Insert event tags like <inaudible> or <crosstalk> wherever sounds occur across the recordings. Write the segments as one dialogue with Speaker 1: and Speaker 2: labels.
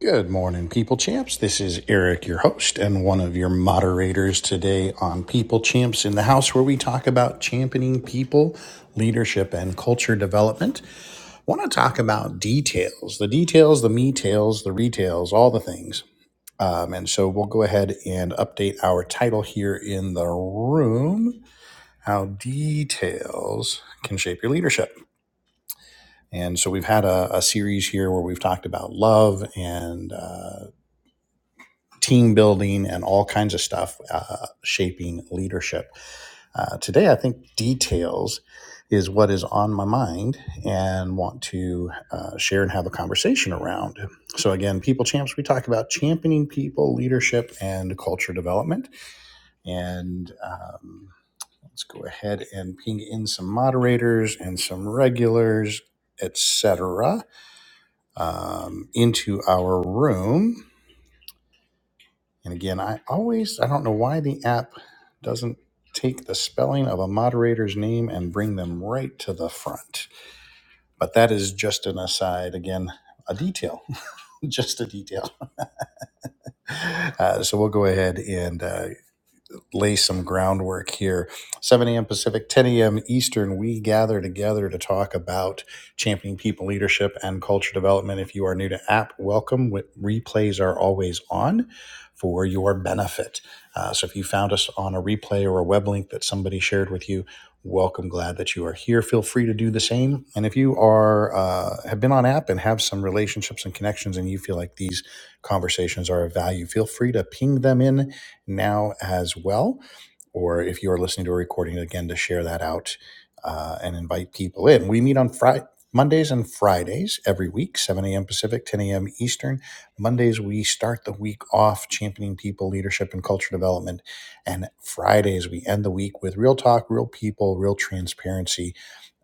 Speaker 1: Good morning, People Champs. This is Eric, your host and one of your moderators today on People Champs in the House, where we talk about championing people, leadership, and culture development. I want to talk about details the details, the me tails, the retails, all the things. Um, and so we'll go ahead and update our title here in the room how details can shape your leadership. And so we've had a, a series here where we've talked about love and. uh, team building and all kinds of stuff, uh, shaping leadership. Uh, today, I think details is what is on my mind and want to uh, share and have a conversation around. So, again, People Champs, we talk about championing people, leadership, and culture development. And um, let's go ahead and ping in some moderators and some regulars, etc., um, into our room. And again, I always, I don't know why the app doesn't take the spelling of a moderator's name and bring them right to the front. But that is just an aside. Again, a detail, <laughs> just a detail. Uh, so we'll go ahead and uh, lay some groundwork here. 7 a.m. Pacific, 10 a.m. Eastern, we gather together to talk about championing people leadership and culture development. If you are new to app, welcome. Replays are always on for your benefit. Uh, so if you found us on a replay or a web link that somebody shared with you, welcome glad that you are here feel free to do the same and if you are uh, have been on app and have some relationships and connections and you feel like these conversations are of value feel free to ping them in now as well. Or if you're listening to a recording, again, to share that out uh, and invite people in. We meet on Friday. Mondays and Fridays every week, 7 a.m. Pacific, 10 a.m. Eastern. Mondays, we start the week off championing people, leadership, and culture development. And Fridays, we end the week with real talk, real people, real transparency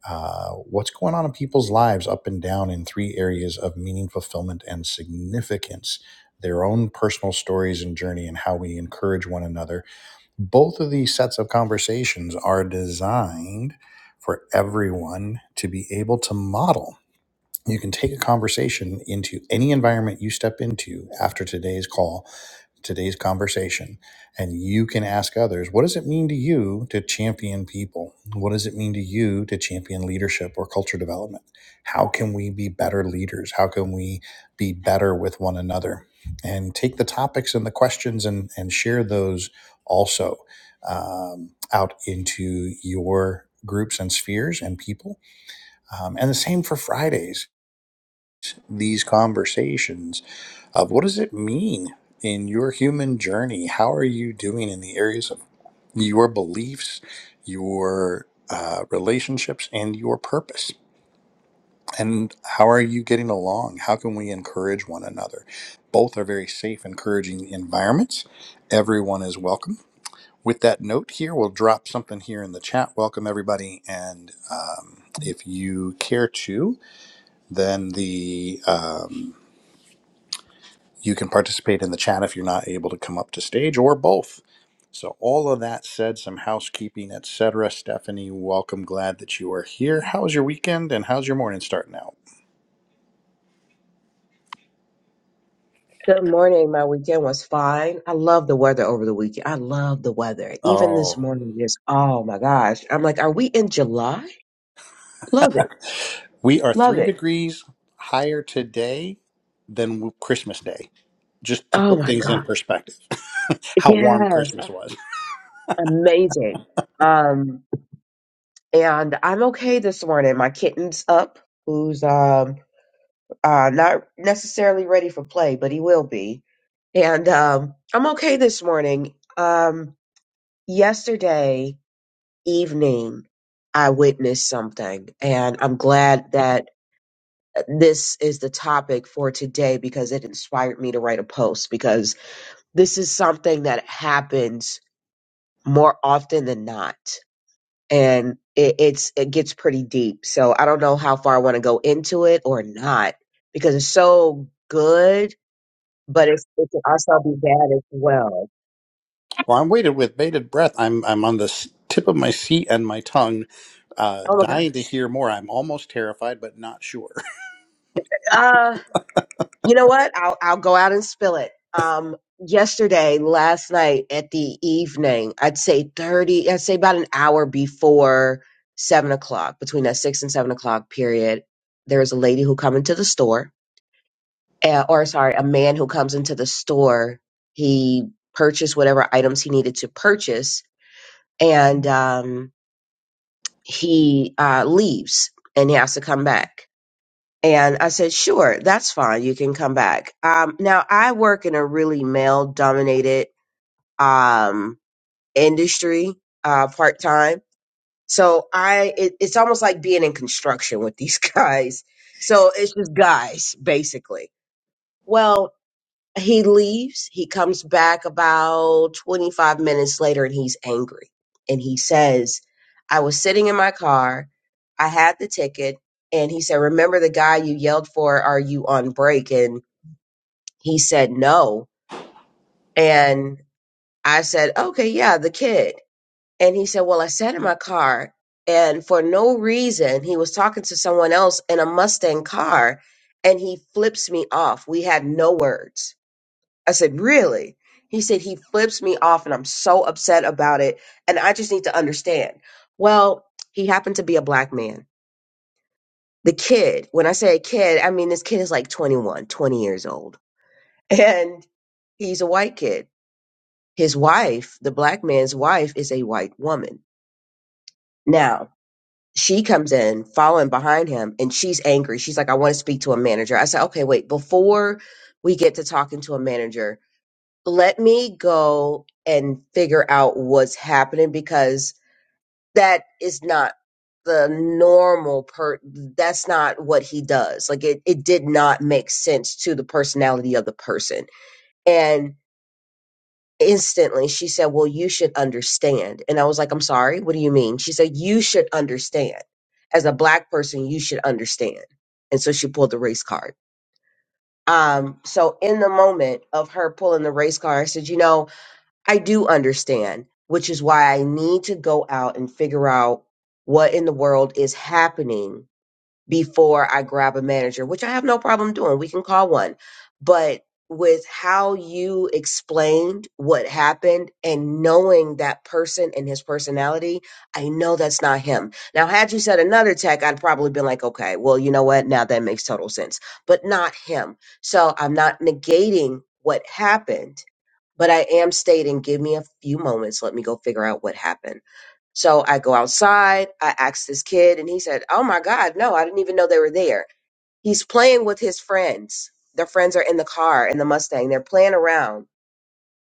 Speaker 1: uh, what's going on in people's lives up and down in three areas of meaning, fulfillment, and significance, their own personal stories and journey, and how we encourage one another. Both of these sets of conversations are designed for everyone to be able to model. You can take a conversation into any environment you step into after today's call today's conversation and you can ask others what does it mean to you to champion people what does it mean to you to champion leadership or culture development how can we be better leaders how can we be better with one another and take the topics and the questions and and share those also um, out into your groups and spheres and people um, and the same for fridays these conversations uh, what does it mean in your human journey? How are you doing in the areas of your beliefs, your uh, relationships, and your purpose? And how are you getting along? How can we encourage one another? Both are very safe, encouraging environments. Everyone is welcome. With that note here, we'll drop something here in the chat. Welcome, everybody. And um, if you care to, then the. um, You can participate in the chat if you're not able to come up to stage or both. So, all of that said, some housekeeping, etc. Stephanie, welcome. Glad that you are here. How was your weekend and how's your morning starting out?
Speaker 2: Good morning. My weekend was fine. I love the weather over the weekend. I love the weather. Even this
Speaker 1: Oh,
Speaker 2: morning, just oh my gosh. I'm like, are we in July? Love it.
Speaker 1: we are
Speaker 2: Love
Speaker 1: three
Speaker 2: it.
Speaker 1: degrees higher today than Christmas Day, just to
Speaker 2: Oh
Speaker 1: put
Speaker 2: my
Speaker 1: things in
Speaker 2: God.
Speaker 1: perspective. <laughs> How warm
Speaker 2: Yes.
Speaker 1: Christmas was.
Speaker 2: Amazing. Um, and I'm okay this morning. My kitten's up, who's um uh not necessarily ready for play, but he will be. And um I'm okay this morning. Um yesterday evening I witnessed something. And I'm glad that this is the topic for today because it inspired me to write a post because this is something that happens more often than not. And it, it's it gets pretty deep. So I don't know how far I want to go into it or not because it's so good, but it's, it can also be bad as well.
Speaker 1: Well, I'm waited with bated breath. I'm I'm on the s- tip of my seat and my tongue, uh,
Speaker 2: Oh my God.
Speaker 1: dying to hear more. I'm almost terrified, but not sure.
Speaker 2: Uh, You know what? I'll I'll go out and spill it. Um, yesterday, last night at the evening, I'd say thirty. I'd say about an hour before seven o'clock, between that six and seven o'clock period, there is a lady who come into the store, uh, or sorry, a man who comes into the store. He purchased whatever items he needed to purchase, and um, he uh, leaves and he has to come back and I said, sure, that's fine. You can come back. Um, now I work in a really male dominated, um, industry, uh, part time. So I, it, it's almost like being in construction with these <laughs> guys. So it's just guys basically. Well, he leaves. He comes back about 25 minutes later and he's angry. And he says, I was sitting in my car. I had the ticket. And he said, Remember the guy you yelled for? Are you on break? And he said, No. And I said, Okay, yeah, the kid. And he said, Well, I sat in my car. And for no reason, he was talking to someone else in a Mustang car and he flips me off. We had no words I said, Really? He said, He flips me off and I'm so upset about it. And I just need to understand. Well, he happened to be a black man. The kid, when I say a kid, I mean this kid is like 21, 20 years old. <laughs> And he's a white kid. His wife, the black man's wife, is a white woman. Now, she comes in following behind him and she's angry. She's like, I want to speak to a manager. I said, Okay, wait, before we get to talking to a manager, let me go and figure out what's happening because that is not the normal per that's not what he does like it, it did not make sense to the personality of the person and instantly she said well you should understand and i was like i'm sorry what do you mean she said you should understand as a black person you should understand and so she pulled the race card um so in the moment of her pulling the race card i said you know I do understand, which is why I need to go out and figure out what in the world is happening before I grab a manager, which I have no problem doing. We can call one. But with how you explained what happened and knowing that person and his personality, I know that's not him. Now, had you said another tech, I'd probably been like, okay, well, you know what? Now that makes total sense, but not him. So I'm not negating what happened but I am stating, give me a few moments. Let me go figure out what happened. So I go outside. I ask this kid, and he said, Oh my God, no, I didn't even know they were there. He's playing with his friends. Their friends are in the car in the Mustang. They're playing around.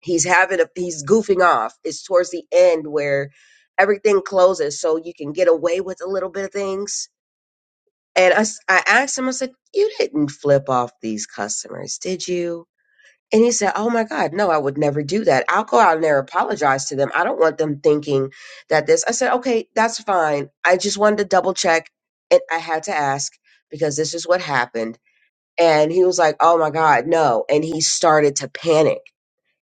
Speaker 2: He's having a, he's goofing off. It's towards the end where everything closes so you can get away with a little bit of things. And I, s- I asked him, I said, You didn't flip off these customers, did you? And he said, Oh my God, no, I would never do that. I'll go out there and apologize to them. I don't want them thinking that this. I said, Okay, that's fine. I just wanted to double check. And I had to ask because this is what happened. And he was like, Oh my God, no. And he started to panic.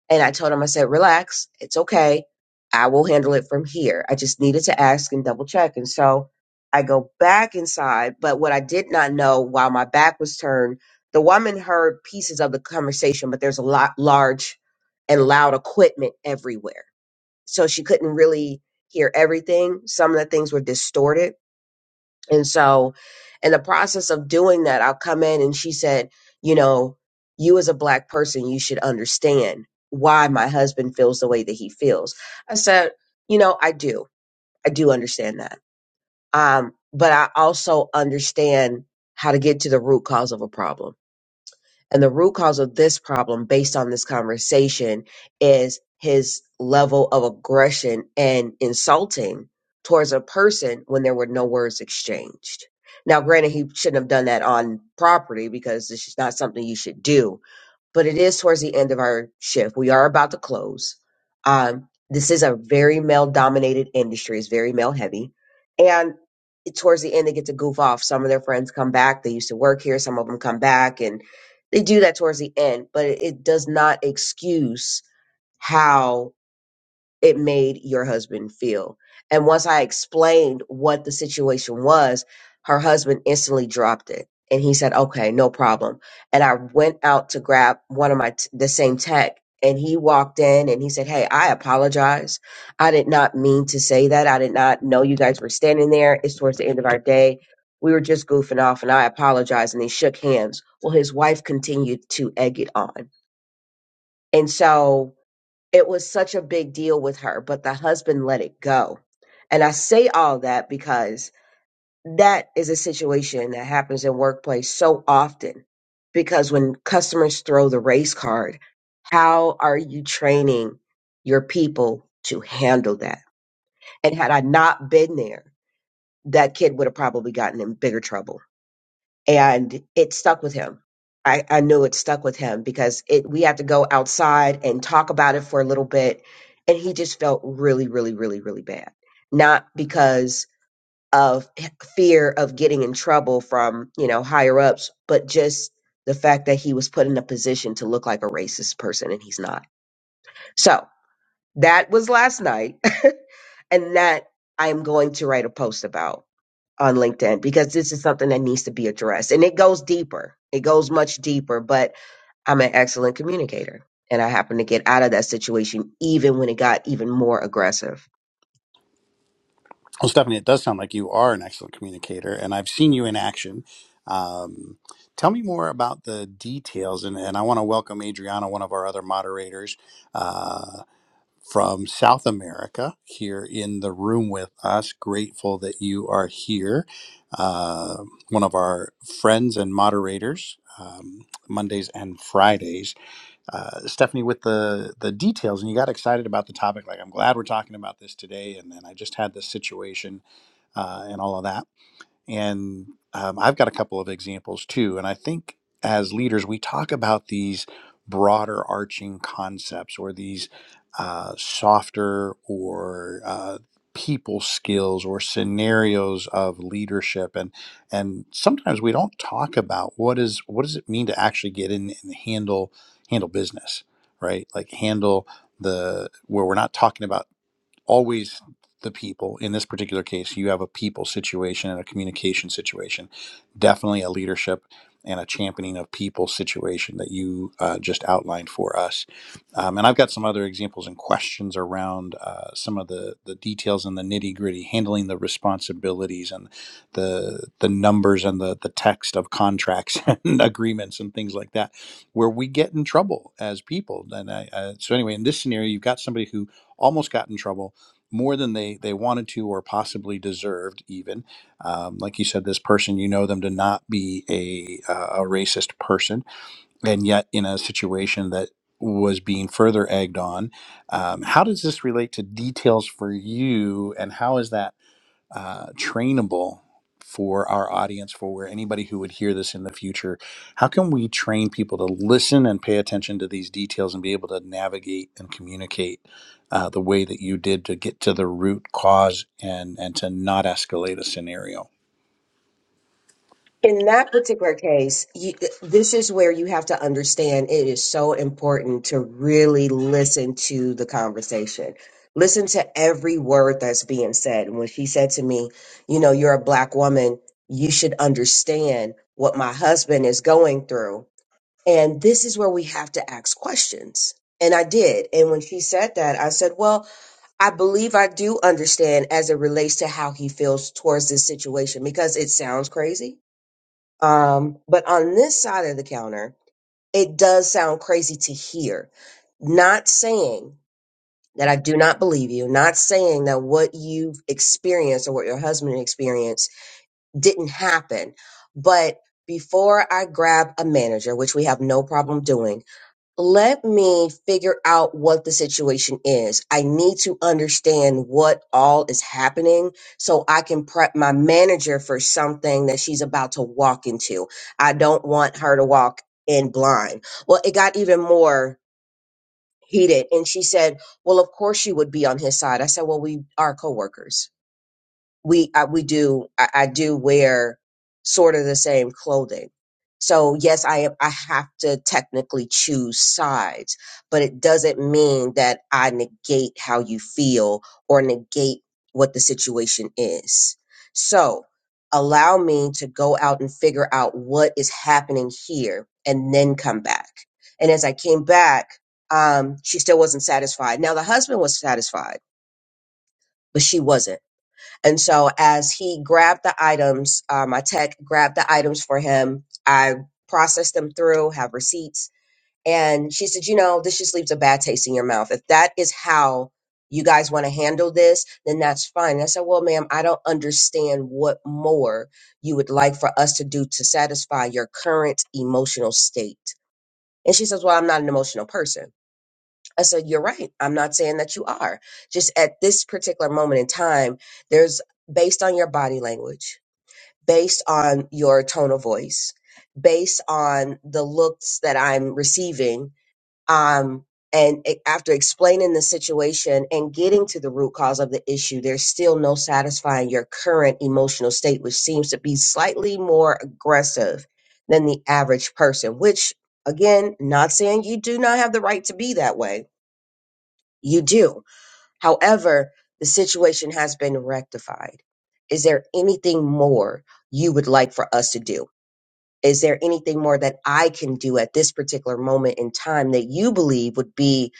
Speaker 2: And I told him, I said, relax, it's okay. I will handle it from here. I just needed to ask and double check. And so I go back inside. But what I did not know while my back was turned, the woman heard pieces of the conversation, but there's a lot large and loud equipment everywhere. So she couldn't really hear everything. Some of the things were distorted and so, in the process of doing that, I'll come in and she said, You know, you as a black person, you should understand why my husband feels the way that he feels. I said, You know, I do. I do understand that. Um, but I also understand how to get to the root cause of a problem and the root cause of this problem, based on this conversation, is his level of aggression and insulting towards a person when there were no words exchanged. Now, granted, he shouldn't have done that on property because this is not something you should do but it is towards the end of our shift. We are about to close. Um, this is a very male dominated industry, it's very male heavy. And towards the end, they get to goof off. Some of their friends come back. They used to work here, some of them come back, and they do that towards the end, but it does not excuse how it made your husband feel. And once I explained what the situation was, her husband instantly dropped it. And he said, okay, no problem. And I went out to grab one of my, t- the same tech. And he walked in and he said, Hey, I apologize. I did not mean to say that. I did not know you guys were standing there. It's towards the end of our day. We were just goofing off and I apologize. And they shook hands. Well, his wife continued to egg it on. And so it was such a big deal with her, but the husband let it go. And I say all that because that is a situation that happens in workplace so often because when customers throw the race card, how are you training your people to handle that? And had I not been there, that kid would have probably gotten in bigger trouble and it stuck with him. I, I knew it stuck with him because it we had to go outside and talk about it for a little bit and he just felt really really really really bad not because of h- fear of getting in trouble from you know higher ups but just the fact that he was put in a position to look like a racist person and he's not so that was last night <laughs> and that i'm going to write a post about on LinkedIn because this is something that needs to be addressed. And it goes deeper, it goes much deeper. But I'm an excellent communicator. And I happened to get out of that situation even when it got even more aggressive.
Speaker 1: Well, Stephanie, it does sound like you are an excellent communicator, and I've seen you in action. Um, tell me more about the details, and, and I want to welcome Adriana, one of our other moderators uh, from South America, here in the room with us. Grateful that you are here, uh, one of our friends and moderators. Um, Mondays and Fridays, uh, Stephanie, with the the details, and you got excited about the topic. Like, I'm glad we're talking about this today. And then I just had this situation uh, and all of that. And um, I've got a couple of examples too. And I think as leaders, we talk about these broader arching concepts or these uh, softer or uh, people skills or scenarios of leadership and and sometimes we don't talk about what is what does it mean to actually get in and handle handle business right like handle the where we're not talking about always the people. In this particular case, you have a people situation and a communication situation. Definitely a leadership and a championing of people situation that you uh, just outlined for us. Um, and I've got some other examples and questions around uh, some of the, the details and the nitty gritty, handling the responsibilities and the the numbers and the the text of contracts <laughs> and agreements and things like that, where we get in trouble as people. And I, uh, so anyway, in this scenario, you've got somebody who almost got in trouble more than they they wanted to or possibly deserved even um, like you said this person you know them to not be a uh, a racist person and yet in a situation that was being further egged on um, how does this relate to details for you and how is that? uh, trainable for our audience, for where anybody who would hear this in the future? How can we train people to listen and pay attention to these details and be able to navigate and communicate uh, the way that you did to get to the root cause and and to not escalate a scenario?
Speaker 2: In that particular case, you, this is where you have to understand it is so important to really listen to the conversation. Listen to every word that's being said. And when she said to me, you know, you're a black woman, you should understand what my husband is going through. And this is where we have to ask questions. And I did. And when she said that, I said, Well, I believe I do understand as it relates to how he feels towards this situation because it sounds crazy. Um, but on this side of the counter, it does sound crazy to hear. Not saying that I do not believe you, not saying that what you've experienced or what your husband experienced didn't happen. But before I grab a manager, which we have no problem doing, let me figure out what the situation is. I need to understand what all is happening so I can prep my manager for something that she's about to walk into. I don't want her to walk in blind. Well, it got even more heated. And she said, Well, of course you would be on his side. I said, Well, we are coworkers we I, we do I, I do wear sort of the same clothing. So yes, I am, I have to technically choose sides, but it doesn't mean that I negate how you feel or negate what the situation is. So allow me to go out and figure out what is happening here and then come back. And as I came back, um, she still wasn't satisfied. Now the husband was satisfied, but she wasn't. And so as he grabbed the items, uh, my tech grabbed the items for him. I processed them through, have receipts. And she said, you know, this just leaves a bad taste in your mouth. If that is how you guys want to handle this, then that's fine. And I said, well, ma'am, I don't understand what more you would like for us to do to satisfy your current emotional state. And she says, well, I'm not an emotional person. I said, You're right. I'm not saying that you are. Just at this particular moment in time, there's based on your body language, based on your tone of voice, based on the looks that I'm receiving. Um, and a- after explaining the situation and getting to the root cause of the issue, there's still no satisfying your current emotional state, which seems to be slightly more aggressive than the average person, which again, not saying you do not have the right to be that way you do. However, the situation has been rectified. Is there anything more you would like for us to do? Is there anything more that I can do at this particular moment in time that you believe would be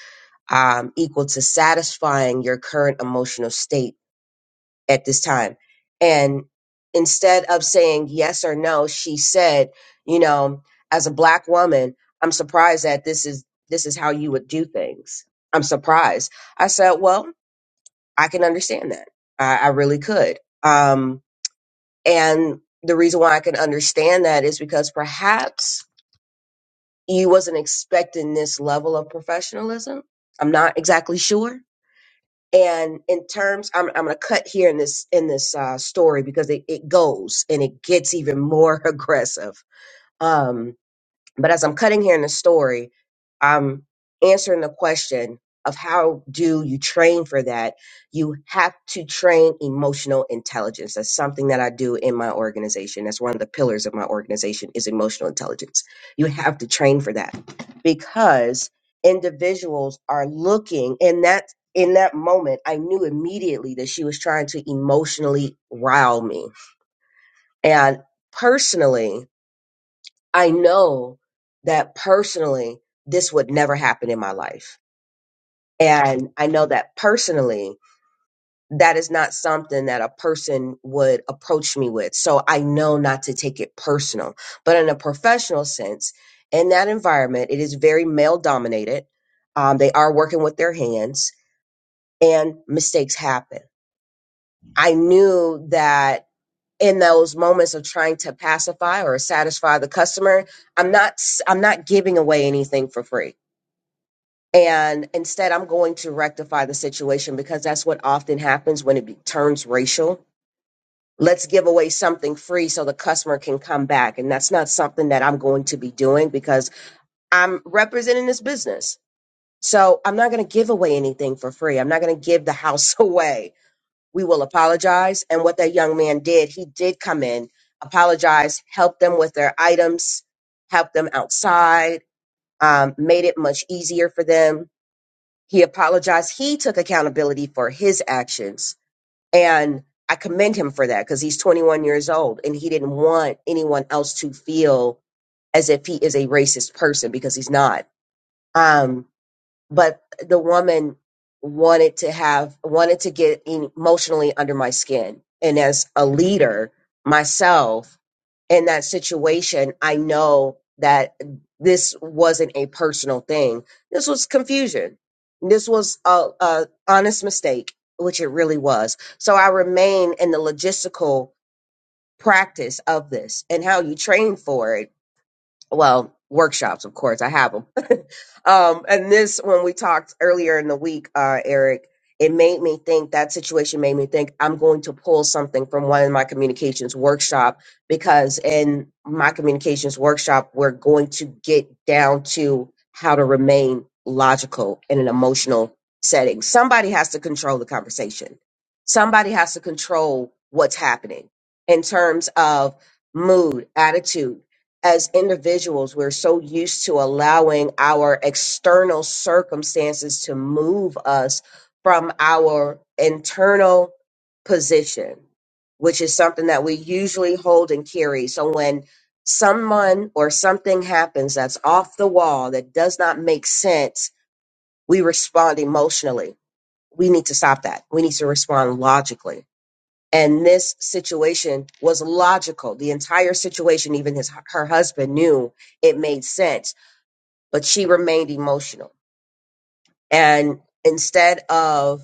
Speaker 2: um, equal to satisfying your current emotional state at this time? And instead of saying yes or no, she said, you know, as a black woman, I'm surprised that this is this is how you would do things. I'm surprised. I said, well, I can understand that. I, I really could. Um, and the reason why I can understand that is because perhaps you wasn't expecting this level of professionalism. I'm not exactly sure. And in terms, I'm, I'm going to cut here in this in this uh, story because it, it goes and it gets even more <laughs> aggressive. Um, but as I'm cutting here in the story, I'm answering the question of how do you train for that? You have to train emotional intelligence. That's something that I do in my organization. That's one of the pillars of my organization is emotional intelligence. You have to train for that because individuals are looking and that in that moment, I knew immediately that she was trying to emotionally rile me. And personally, I know that personally, this would never happen in my life. And I know that personally, that is not something that a person would approach me with. So I know not to take it personal. But in a professional sense, in that environment, it is very male dominated. Um, they are working with their hands and mistakes happen. I knew that in those moments of trying to pacify or satisfy the customer, I'm not, i I'm not giving away anything for free. and instead i'm going to rectify the situation because that's what often happens when it be- turns racial let's give away something free so the customer can come back and that's not something that i'm going to be doing because i'm representing this business so i'm not going to give away anything for free i'm not going to give the house <laughs> away we will apologize and what that young man did he did come in apologize help them with their items help them outside um, made it much easier for them he apologized. He took accountability for his actions. And I commend him for that because he's 21 years old and he didn't want anyone else to feel as if he is a racist person because he's not. Um, but the woman wanted to have wanted to get emotionally under my skin and as a leader myself in that situation i know that this wasn't a personal thing this was confusion this was a, a honest mistake which it really was so i remain in the logistical practice of this and how you train for it well workshops of course i have them <laughs> um and this when we talked earlier in the week uh eric it made me think that situation made me think i'm going to pull something from one of my communications workshop because in my communications workshop we're going to get down to how to remain logical in an emotional setting somebody has to control the conversation somebody has to control what's happening in terms of mood attitude as individuals, we're so used to allowing our external circumstances to move us from our internal position, which is something that we usually hold and carry. So when someone or something happens that's off the wall, that does not make sense, we respond emotionally. We need to stop that. We need to respond logically and this situation was logical the entire situation even his her husband knew it made sense but she remained emotional and instead of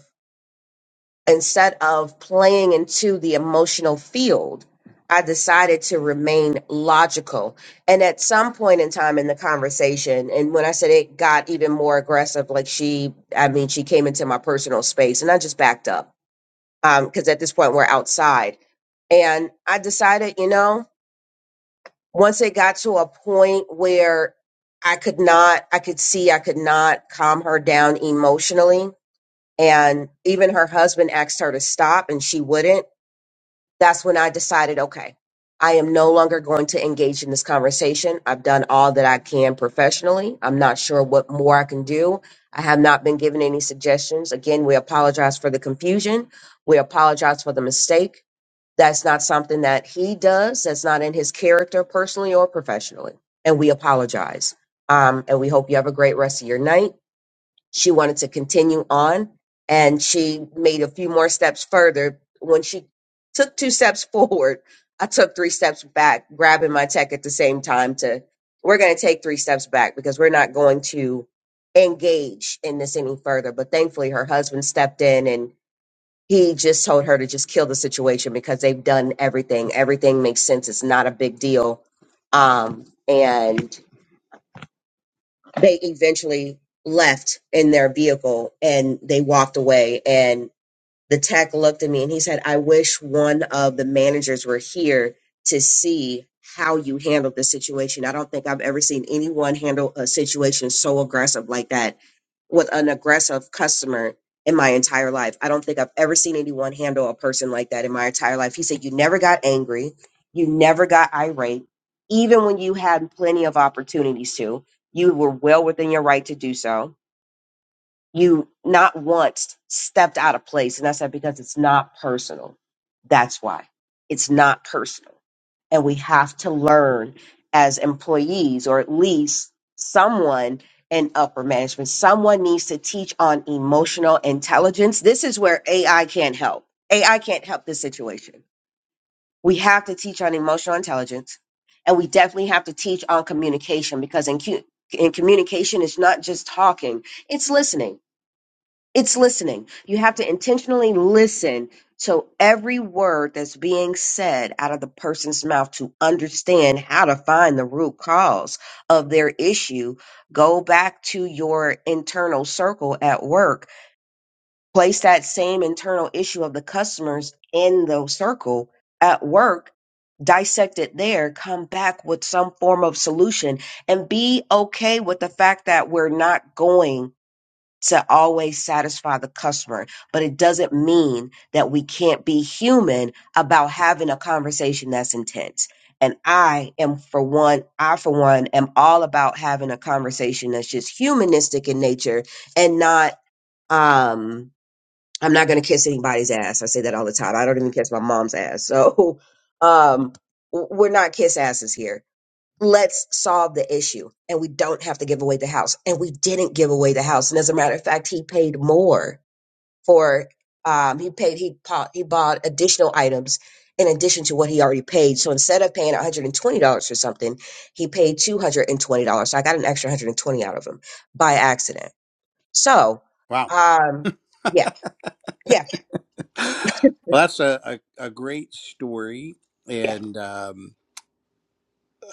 Speaker 2: instead of playing into the emotional field i decided to remain logical and at some point in time in the conversation and when i said it got even more aggressive like she i mean she came into my personal space and i just backed up because at this point we're outside. And I decided, you know, once it got to a point where I could not, I could see I could not calm her down emotionally. And even her husband asked her to stop and she wouldn't. That's when I decided, okay, I am no longer going to engage in this conversation. I've done all that I can professionally. I'm not sure what more I can do. I have not been given any suggestions. Again, we apologize for the confusion. We apologize for the mistake that's not something that he does. That's not in his character, personally or professionally. And we apologize. Um, and we hope you have a great rest of your night. She wanted to continue on, and she made a few more steps further. When she took two steps <laughs> forward, I took three steps back, grabbing my tech at the same time. To we're going to take three steps back because we're not going to engage in this any further. But thankfully, her husband stepped in and he just told her to just kill the situation because they've done everything. Everything makes sense. It's not a big deal. Um, and they eventually left in their vehicle and they walked away. And the tech looked at me and he said, I wish one of the managers were here to see how you handled the situation. I don't think I've ever seen anyone handle a situation so aggressive like that with an aggressive customer in my entire life. I don't think I've ever seen anyone handle a person like that in my entire life. He said, You never got angry. You never got irate. Even when you had plenty of opportunities to, you were well within your right to do so. You not once stepped out of place. And I said, Because it's not personal. That's why it's not personal and we have to learn as employees or at least someone in upper management someone needs to teach on emotional intelligence this is where ai can't help ai can't help this situation we have to teach on emotional intelligence and we definitely have to teach on communication because in, cu- in communication it's not just talking it's listening it's listening. You have to intentionally listen to every word that's being said out of the person's mouth to understand how to find the root cause of their issue. Go back to your internal circle at work. Place that same internal issue of the customers in the circle at work. Dissect it there, come back with some form of solution, and be okay with the fact that we're not going to always satisfy the customer, but it doesn't mean that we can't be human about having a conversation that's intense. And I am for one, I for one am all about having a conversation that's just humanistic in nature and not um I'm not going to kiss anybody's ass. I say that all the time. I don't even kiss my mom's ass. So <laughs> um w- we're not kiss asses here let's solve the issue and we don't have to give away the house and we didn't give away the house and as a matter of fact he paid more for um he paid he bought he bought additional items in addition to what he already paid so instead of paying $120 for something he paid $220 so i got an extra 120 out of him by accident so
Speaker 1: Wow.
Speaker 2: um yeah yeah
Speaker 1: Well, that's a, a, a great story.
Speaker 2: yeah
Speaker 1: And um,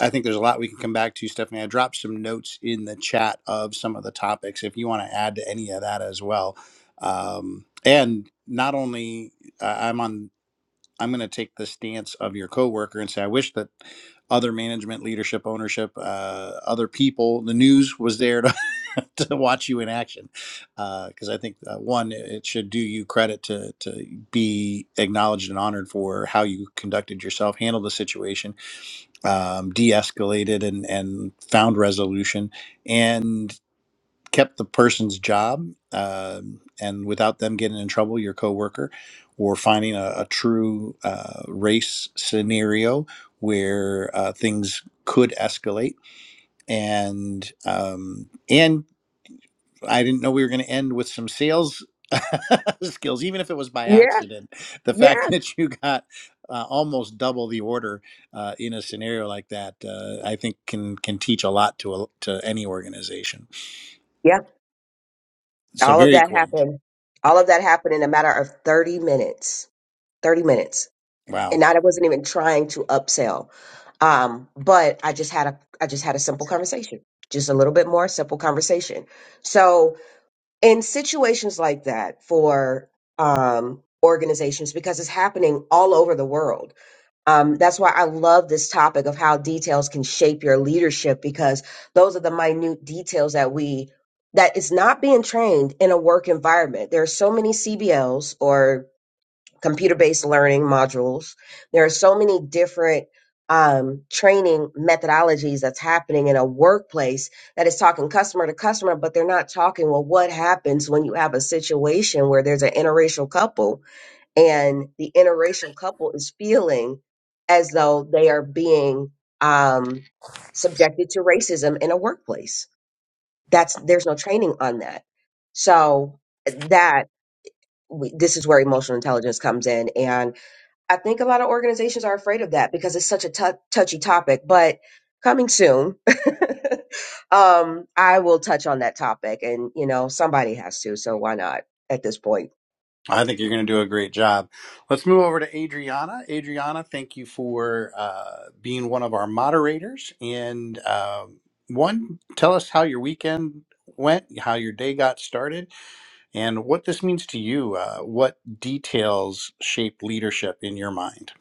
Speaker 1: I think there's a lot we can come back to, Stephanie. I dropped some notes in the chat of some of the topics if you want to add to any of that as well. Um, and not only uh, I'm on, I'm going to take the stance of your coworker and say, I wish that other management, leadership, ownership, uh, other people, the news was there to, <laughs> to watch you in action. Because I think uh, one, it should do you credit to to be acknowledged and honored for how you conducted yourself, handled the situation um, de-escalated and, and found resolution and kept the person's job um, and without them getting in trouble your coworker or finding a, a true uh, race scenario where uh, things could escalate and um, and I didn't know we were going to end with some sales <laughs> skills, even if it was by
Speaker 2: yeah
Speaker 1: accident. The fact
Speaker 2: yeah
Speaker 1: that you got uh, almost double the order uh, in a scenario like that, uh, I think can can teach a lot to a, to any organization.
Speaker 2: yeah
Speaker 1: So
Speaker 2: all of
Speaker 1: very
Speaker 2: that
Speaker 1: cool.
Speaker 2: happened all of that happened in a matter of 30 minutes 30 minutes
Speaker 1: Wow.
Speaker 2: and I wasn't even trying to upsell. Um, but I just had a I just had a simple conversation, just a little bit more simple conversation. So in situations like that for um, organizations, because it's happening all over the world, um, that's why I love this topic of how details can shape your leadership because those are the minute details that we that is not being trained in a work environment. There are so many CBLs or computer based learning modules. There are so many different um, training methodologies that's happening in a workplace that is talking customer to customer, but they're not talking, well, what happens when you have a situation where there's an interracial couple and the interracial couple is feeling as though they are being um, subjected to racism in a workplace? That's there's no training on that. So that we, this is where emotional intelligence comes in. And I think a lot of organizations are afraid of that because it's such a tou- touchy topic, but coming soon, <laughs> um, I will touch on that topic. And, you know, somebody has to, so why not at this point?
Speaker 1: I think you're going to do a great job. Let's move over to Adriana. Adriana, thank you for uh, being one of our moderators. And um one, tell us how your weekend went, how your day got started, and what this means to you. Uh, what details shape leadership in your mind?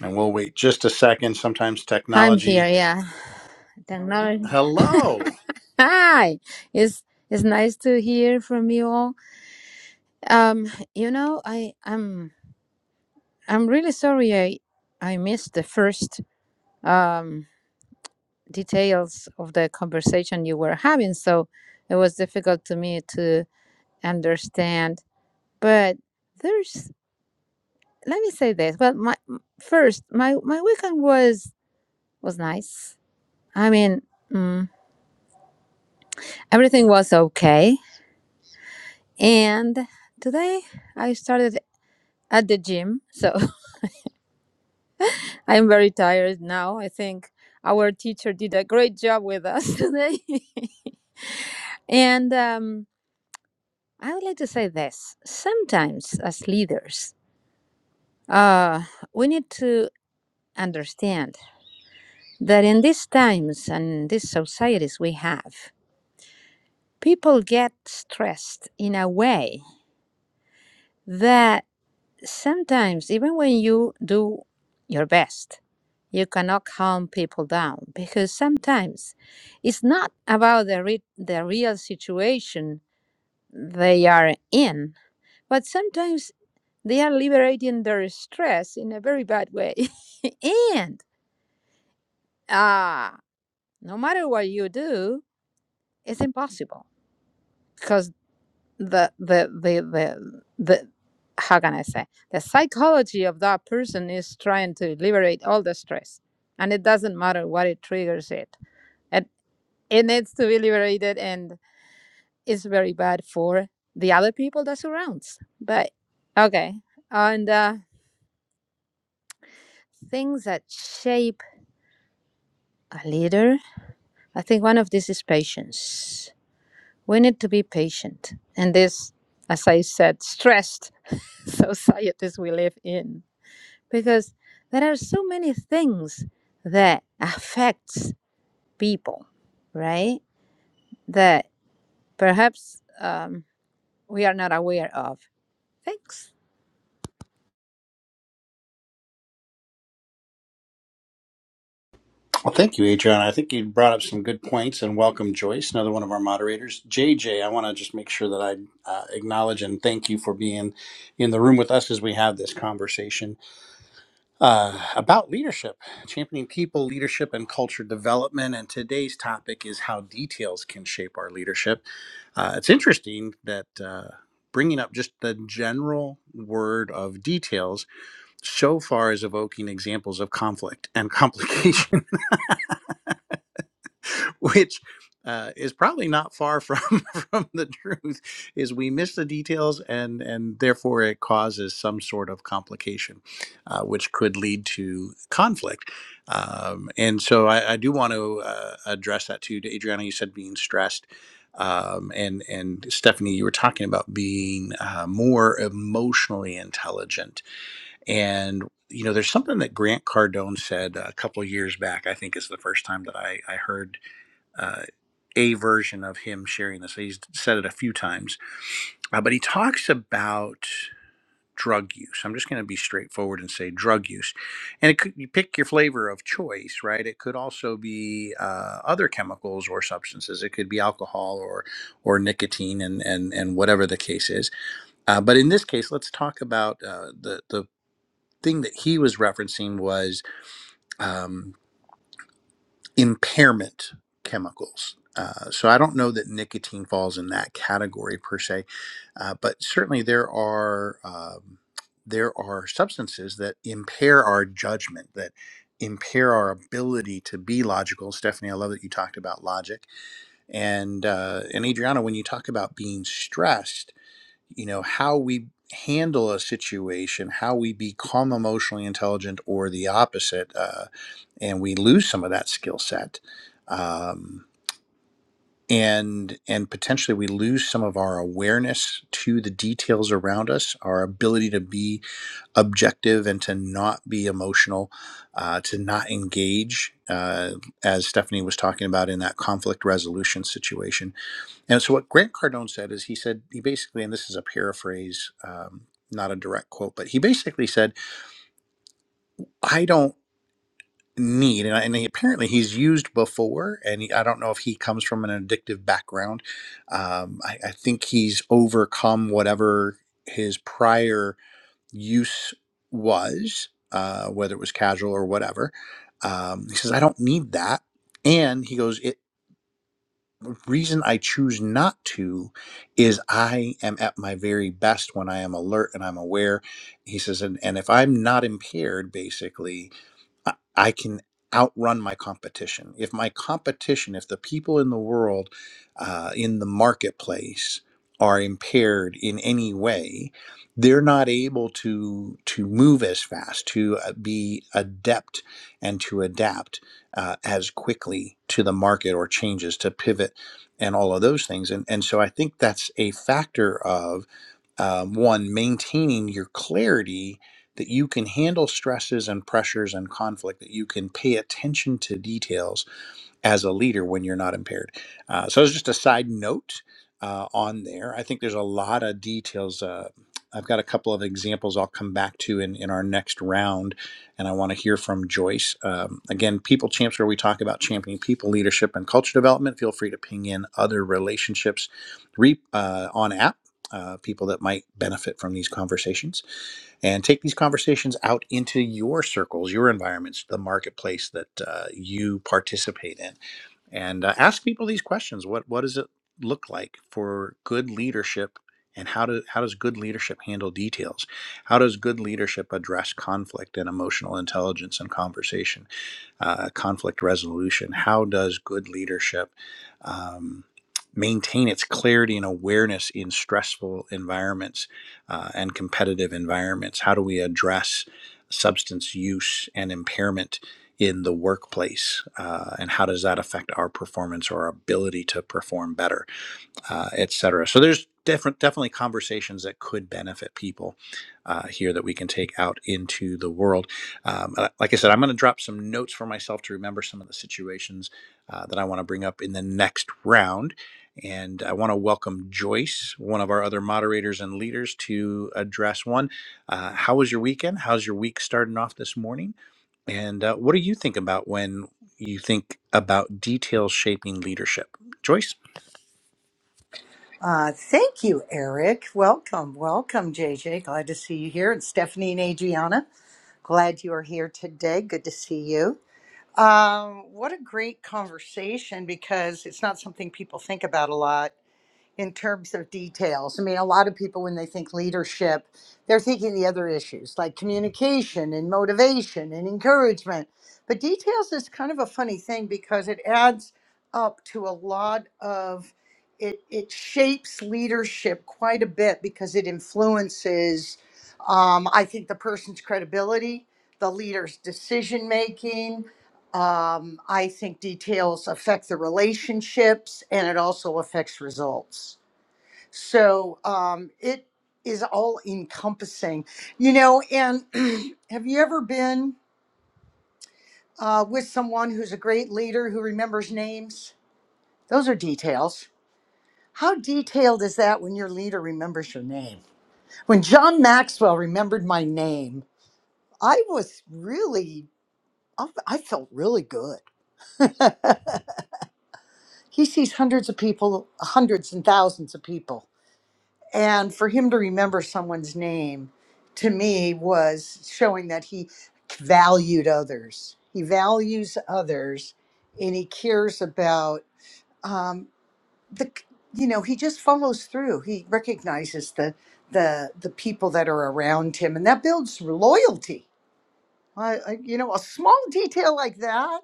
Speaker 1: And we'll wait just a second. Sometimes
Speaker 3: I'm here,
Speaker 1: technology.
Speaker 3: yeah. Technology.
Speaker 1: Hello.
Speaker 3: Hi. It's it's nice to hear from you all. Um, you know, I I'm I'm really sorry I I missed the first um details of the conversation you were having, so it was difficult to me to understand. But there's let me say this. Well, my first my my weekend was was nice. I mean, mm, everything was okay And today I started at the gym, so <laughs> I'm very tired now. I think our teacher did a great job with us <laughs> today. and um, I would like to say this sometimes, as leaders, uh, we need to understand that in these times and these societies we have, people get stressed in a way that. sometimes, even when you do your best, you cannot calm people down because sometimes it's not about the, re- the real situation they are in, but sometimes they are liberating their stress in a very bad way. <laughs> and uh, no matter what you do, it's impossible because. the the the the the how can I say the psychology of that person is trying to liberate all the stress, and it doesn't matter what it triggers it. It it needs to be liberated, and it's very bad for the other people that surrounds. But okay, and uh, things that shape a leader, I think one of this is patience. We need to be patient, and this, as I said, stressed <laughs> societies we live in because there are so many things that affects people right that perhaps um, we are not aware of thanks
Speaker 1: Well, thank you, Adrian. I think you brought up some good points, and welcome Joyce, another one of our moderators. JJ, I want to just make sure that I uh, acknowledge and thank you for being in the room with us as we have this conversation uh, about leadership, championing people, leadership, and culture development. And today's topic is how details can shape our leadership. Uh, it's interesting that uh, bringing up just the general word of details so far is evoking examples of conflict and complication <laughs> <laughs> which uh, is probably not far from <laughs> from the truth is we miss the details and and therefore it causes some sort of complication uh, which could lead to conflict um, and so I, I do want to uh, address that too Adriana you said being stressed um, and and Stephanie you were talking about being uh, more emotionally intelligent and you know there's something that Grant Cardone said a couple of years back I think is the first time that I, I heard uh, a version of him sharing this. He's said it a few times, uh, but he talks about drug use. I'm just going to be straightforward and say drug use, and it could you pick your flavor of choice, right? It could also be uh, other chemicals or substances. It could be alcohol or or nicotine, and and and whatever the case is. Uh, but in this case, let's talk about uh, the the thing that he was referencing was. Um, impairment chemicals. Uh, so I don't know that nicotine falls in that category per se, uh, but certainly there are um, there are substances that impair our judgment that impair our ability to be logical. Stephanie, I love that you talked about logic, and uh, and Adriana, when you talk about being stressed, you know how we handle a situation, how we become emotionally intelligent, or the opposite. uh, and we lose some of that skill set um, and and potentially we lose some of our awareness to the details around us our ability to be objective and to not be emotional uh, to not engage uh, as stephanie was talking about in that conflict resolution situation and so what grant cardone said is he said he basically and this is a paraphrase um, not a direct quote but he basically said "I don't." need and, I- and he, apparently he's used before and he, i don't know if he comes from an addictive background um, I, I think he's overcome whatever his prior use was uh, whether it was casual or whatever um, he says i don't need that and he goes it the reason i choose not to is i am at my very best when i am alert and i'm aware he says and, and if i'm not impaired basically I I can outrun my competition. If my competition, if the people in the world, uh, in the marketplace, are impaired in any way, they're not able to to move as fast, to uh, be adept, and to adapt uh, as quickly to the market or changes, to pivot, and all of those things. And and so I think that's a factor of um, one maintaining your clarity that you can handle stresses and pressures and conflict, that you can pay attention to details as a leader when you're not impaired. Uh, so it's just a side note uh, on there. I think there's a lot of details. Uh, I've got a couple of examples I'll come back to in, in our next round, and I want to hear from Joyce. Um, again, People Champs, where we talk about championing people, leadership, and culture development. Feel free to ping in other relationships re, uh, on app, uh, people that might benefit from these conversations and take these conversations out into your circles, your environments, the marketplace that uh, you participate in, and uh, ask people these questions. What what does it look like for good leadership, and how do how does good leadership handle details? How does good leadership address conflict and emotional intelligence and conversation? uh, conflict resolution. How does good leadership um, maintain its clarity and awareness in stressful environments uh, and competitive environments? How do we address substance use and impairment in the workplace? Uh, and how does that affect our performance or our ability to perform better? uh, et cetera. So there's different, definitely conversations that could benefit people uh, here that we can take out into the world. Um, uh, like I said, I'm going to drop some notes for myself to remember some of the situations uh, that I want to bring up in the next round. And I want to welcome Joyce, one of our other moderators and leaders, to address one. Uh, how was your weekend? How's your week starting off this morning? And uh, what do you think about when you think about details shaping leadership? Joyce?
Speaker 4: Uh, thank you, Eric. Welcome, welcome, JJ. Glad to see you here. And Stephanie and Adriana, glad you are here today. Good to see you. Um, what a great conversation because it's not something people think about a lot in terms of details. I mean, a lot of people, when they think leadership, they're thinking the other issues like communication and motivation and encouragement. But details is kind of a funny thing because it adds up to a lot of it, it shapes leadership quite a bit because it influences, um, I think, the person's credibility, the leader's decision making. Um, I think details affect the relationships and it also affects results. So um, it is all encompassing, you know. And <clears throat> have you ever been uh, with someone who's a great leader who remembers names? Those are details. How detailed is that when your leader remembers your name? When John Maxwell remembered my name, I was really, I I felt really good. <laughs> he sees hundreds of people, hundreds and thousands of people. And for him to remember someone's name to me was showing that he valued others. He values others and he cares about um, the, you know, he just follows through. He recognizes the, the, the people that are around him and that builds loyalty. I, I, you know, a small detail like that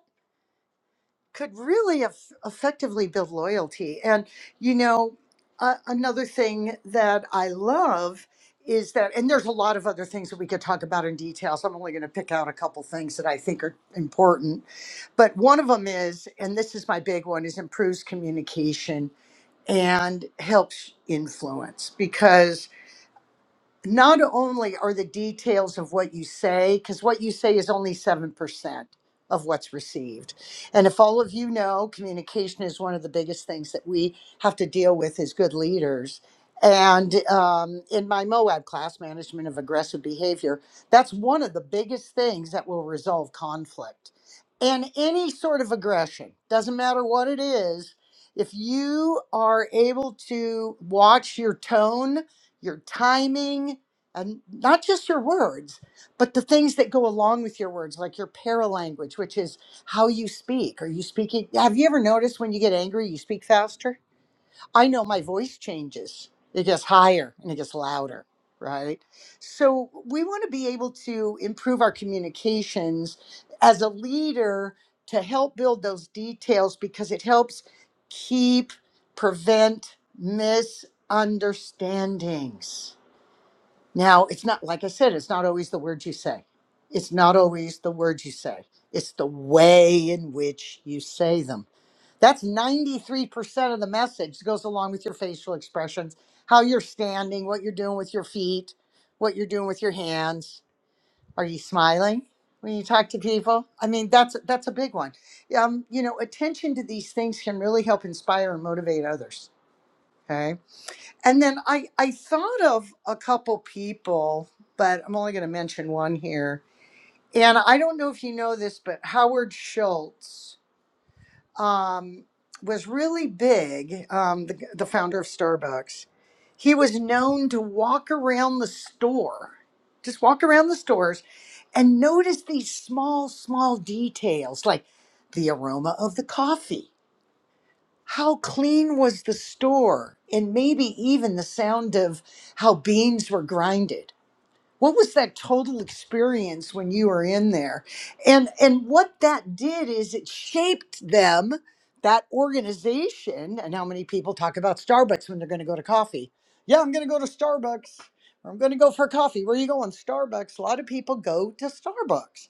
Speaker 4: could really eff effectively build loyalty. And, you know, uh, another thing that I love is that, and there's a lot of other things that we could talk about in detail. So I'm only going to pick out a couple things that I think are important. But one of them is, and this is my big one, is improves communication and helps influence because not only are the details of what you say, because what you say is only 7% of what's received. And if all of you know, communication is one of the biggest things that we have to deal with as good leaders. And um, in my MOAB class, Management of Aggressive Behavior, that's one of the biggest things that will resolve conflict. And any sort of aggression, doesn't matter what it is, if you are able to watch your tone your timing, and not just your words, but the things that go along with your words, like your paralanguage, which is how you speak. Are you speaking? Have you ever noticed when you get angry, you speak faster? I know my voice changes, it gets higher and it gets louder, right? So we want to be able to improve our communications as a leader to help build those details because it helps keep, prevent, misunderstandings now, it's not, like I said, it's not always the words you say. It's not always the words you say. It's the way in which you say them. That's 93% of the message. It goes along with your facial expressions, how you're standing, what you're doing with your feet, what you're doing with your hands. Are you smiling when you talk to people? I mean, that's that's a big one. Um, you know, attention to these things can really help inspire and motivate others. Okay and then I, I thought of a couple people, but I'm only going to mention one here. And I don't know if you know this, but Howard Schultz um, was really big, um, the, the founder of Starbucks. He was known to walk around the store, just walk around the stores and notice these small, small details like the aroma of the coffee how clean was the store and maybe even the sound of how beans were grinded what was that total experience when you were in there and and what that did is it shaped them that organization and how many people talk about starbucks when they're going to go to coffee yeah i'm going to go to starbucks or i'm going to go for coffee where are you going starbucks a lot of people go to starbucks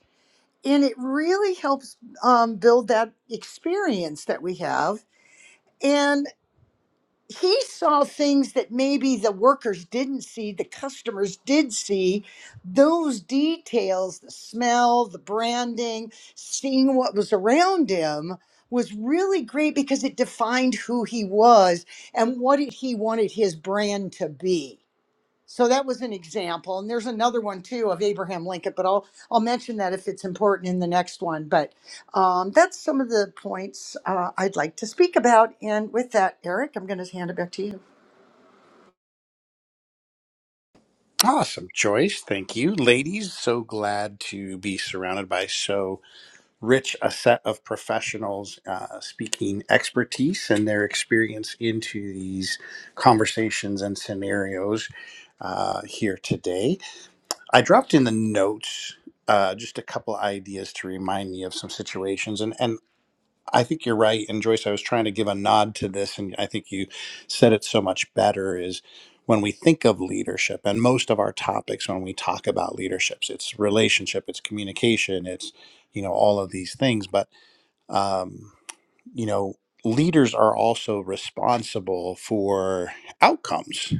Speaker 4: and it really helps um, build that experience that we have and he saw things that maybe the workers didn't see, the customers did see. Those details, the smell, the branding, seeing what was around him was really great because it defined who he was and what it- he wanted his brand to be. So that was an example. And there's another one too of Abraham Lincoln, but I'll I'll mention that if it's important in the next one. But um, that's some of the points uh, I'd like to speak about. And with that, Eric, I'm going to hand it back to you.
Speaker 1: Awesome choice. Thank you. Ladies, so glad to be surrounded by so rich a set of professionals uh, speaking expertise and their experience into these conversations and scenarios uh, here today. I dropped in the notes. Uh, just a couple ideas to remind me of some situations, and. and I think you're right. And Joyce, I was trying to give a nod to this, and I think you said it so much better is when we think of leadership and most of our topics when we talk about leaderships, it's relationship, it's communication, it's, you know, all of these things. But, um, you know, leaders are also responsible for outcomes.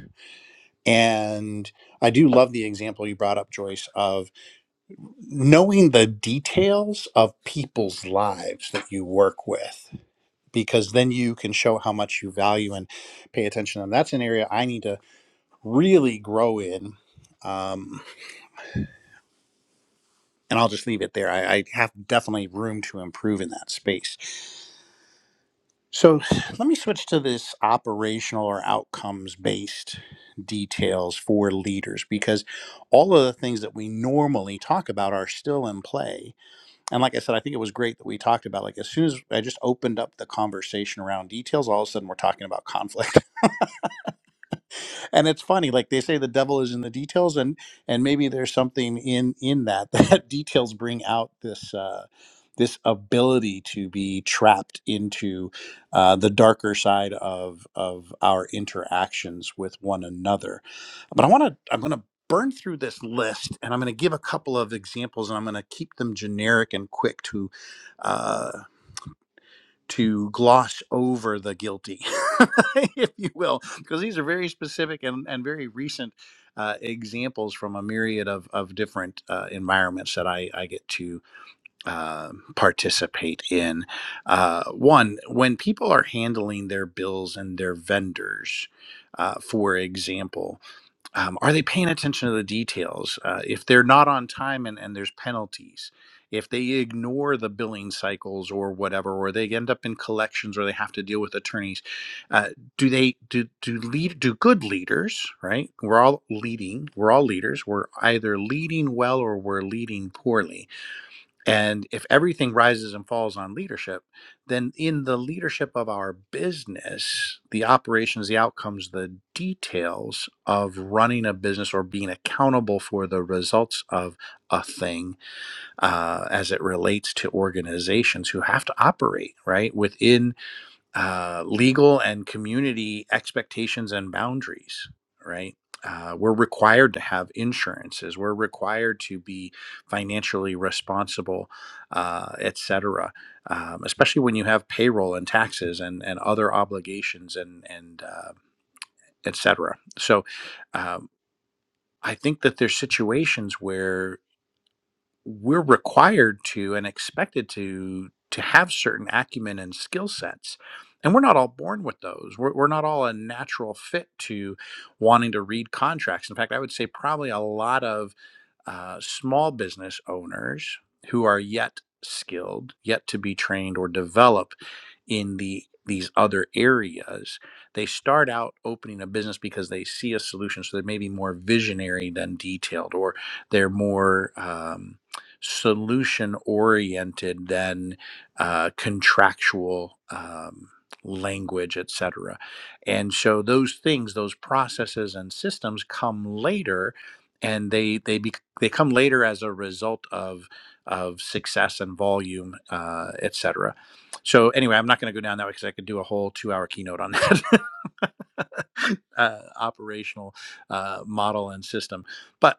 Speaker 1: And I do love the example you brought up, Joyce, of knowing the details of people's lives that you work with because then you can show how much you value and pay attention. And that's an area I need to really grow in. Um, and I'll just leave it there. I, I have definitely room to improve in that space. So <sighs> let me switch to this operational or outcomes based details for leaders because all of the things that we normally talk about are still in play. And like I said, I think it was great that we talked about like as soon as I just opened up the conversation around details, all of a sudden we're talking about conflict and it's funny like they say the devil is in the details and and maybe there's something in in that <laughs> that details bring out this uh this ability to be trapped into uh, the darker side of of our interactions with one another but i want to i'm going to burn through this list and i'm going to give a couple of examples and i'm going to keep them generic and quick to uh, to gloss over the guilty, <laughs> if you will, because these are very specific and, and very recent uh, examples from a myriad of, of different uh, environments that I, I get to uh, participate in. Uh, one, when people are handling their bills and their vendors, uh, for example, um, are they paying attention to the details uh, if they're not on time and, and there's penalties if they ignore the billing cycles or whatever or they end up in collections or they have to deal with attorneys uh, do they do do lead do good leaders right we're all leading we're all leaders we're either leading well or we're leading poorly and if everything rises and falls on leadership, then in the leadership of our business, the operations, the outcomes, the details of running a business or being accountable for the results of a thing uh, as it relates to organizations who have to operate, right? Within uh, legal and community expectations and boundaries, right? Uh, we're required to have insurances. We're required to be financially responsible, uh, et cetera. Um, especially when you have payroll and taxes and, and other obligations and and uh, et cetera. So um, I think that there's situations where we're required to and expected to to have certain acumen and skill sets and we're not all born with those we're, we're not all a natural fit to wanting to read contracts in fact i would say probably a lot of uh, small business owners who are yet skilled yet to be trained or develop in the these other areas they start out opening a business because they see a solution so they're maybe more visionary than detailed or they're more um, solution oriented than uh, contractual um, language, et cetera, And so those things, those processes and systems come later, and they they be, they come later as a result of of success and volume, uh, et cetera. So anyway, I'm not going to go down that way because I could do a whole two hour keynote on that <laughs> uh, operational uh, model and system. But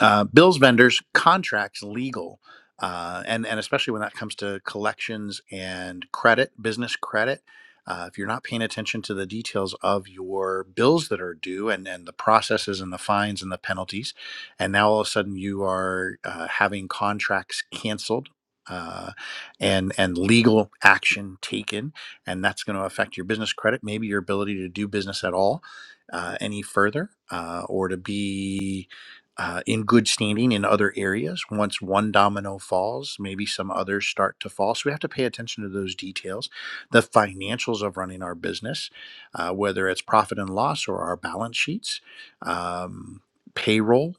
Speaker 1: uh, bills vendors contracts legal uh, and and especially when that comes to collections and credit business credit uh, if you're not paying attention to the details of your bills that are due and, and the processes and the fines and the penalties and now all of a sudden you are uh, having contracts canceled uh, and and legal action taken and that's going to affect your business credit maybe your ability to do business at all uh, any further uh, or to be uh, in good standing in other areas. Once one domino falls, maybe some others start to fall. So we have to pay attention to those details, the financials of running our business, uh, whether it's profit and loss or our balance sheets, um, payroll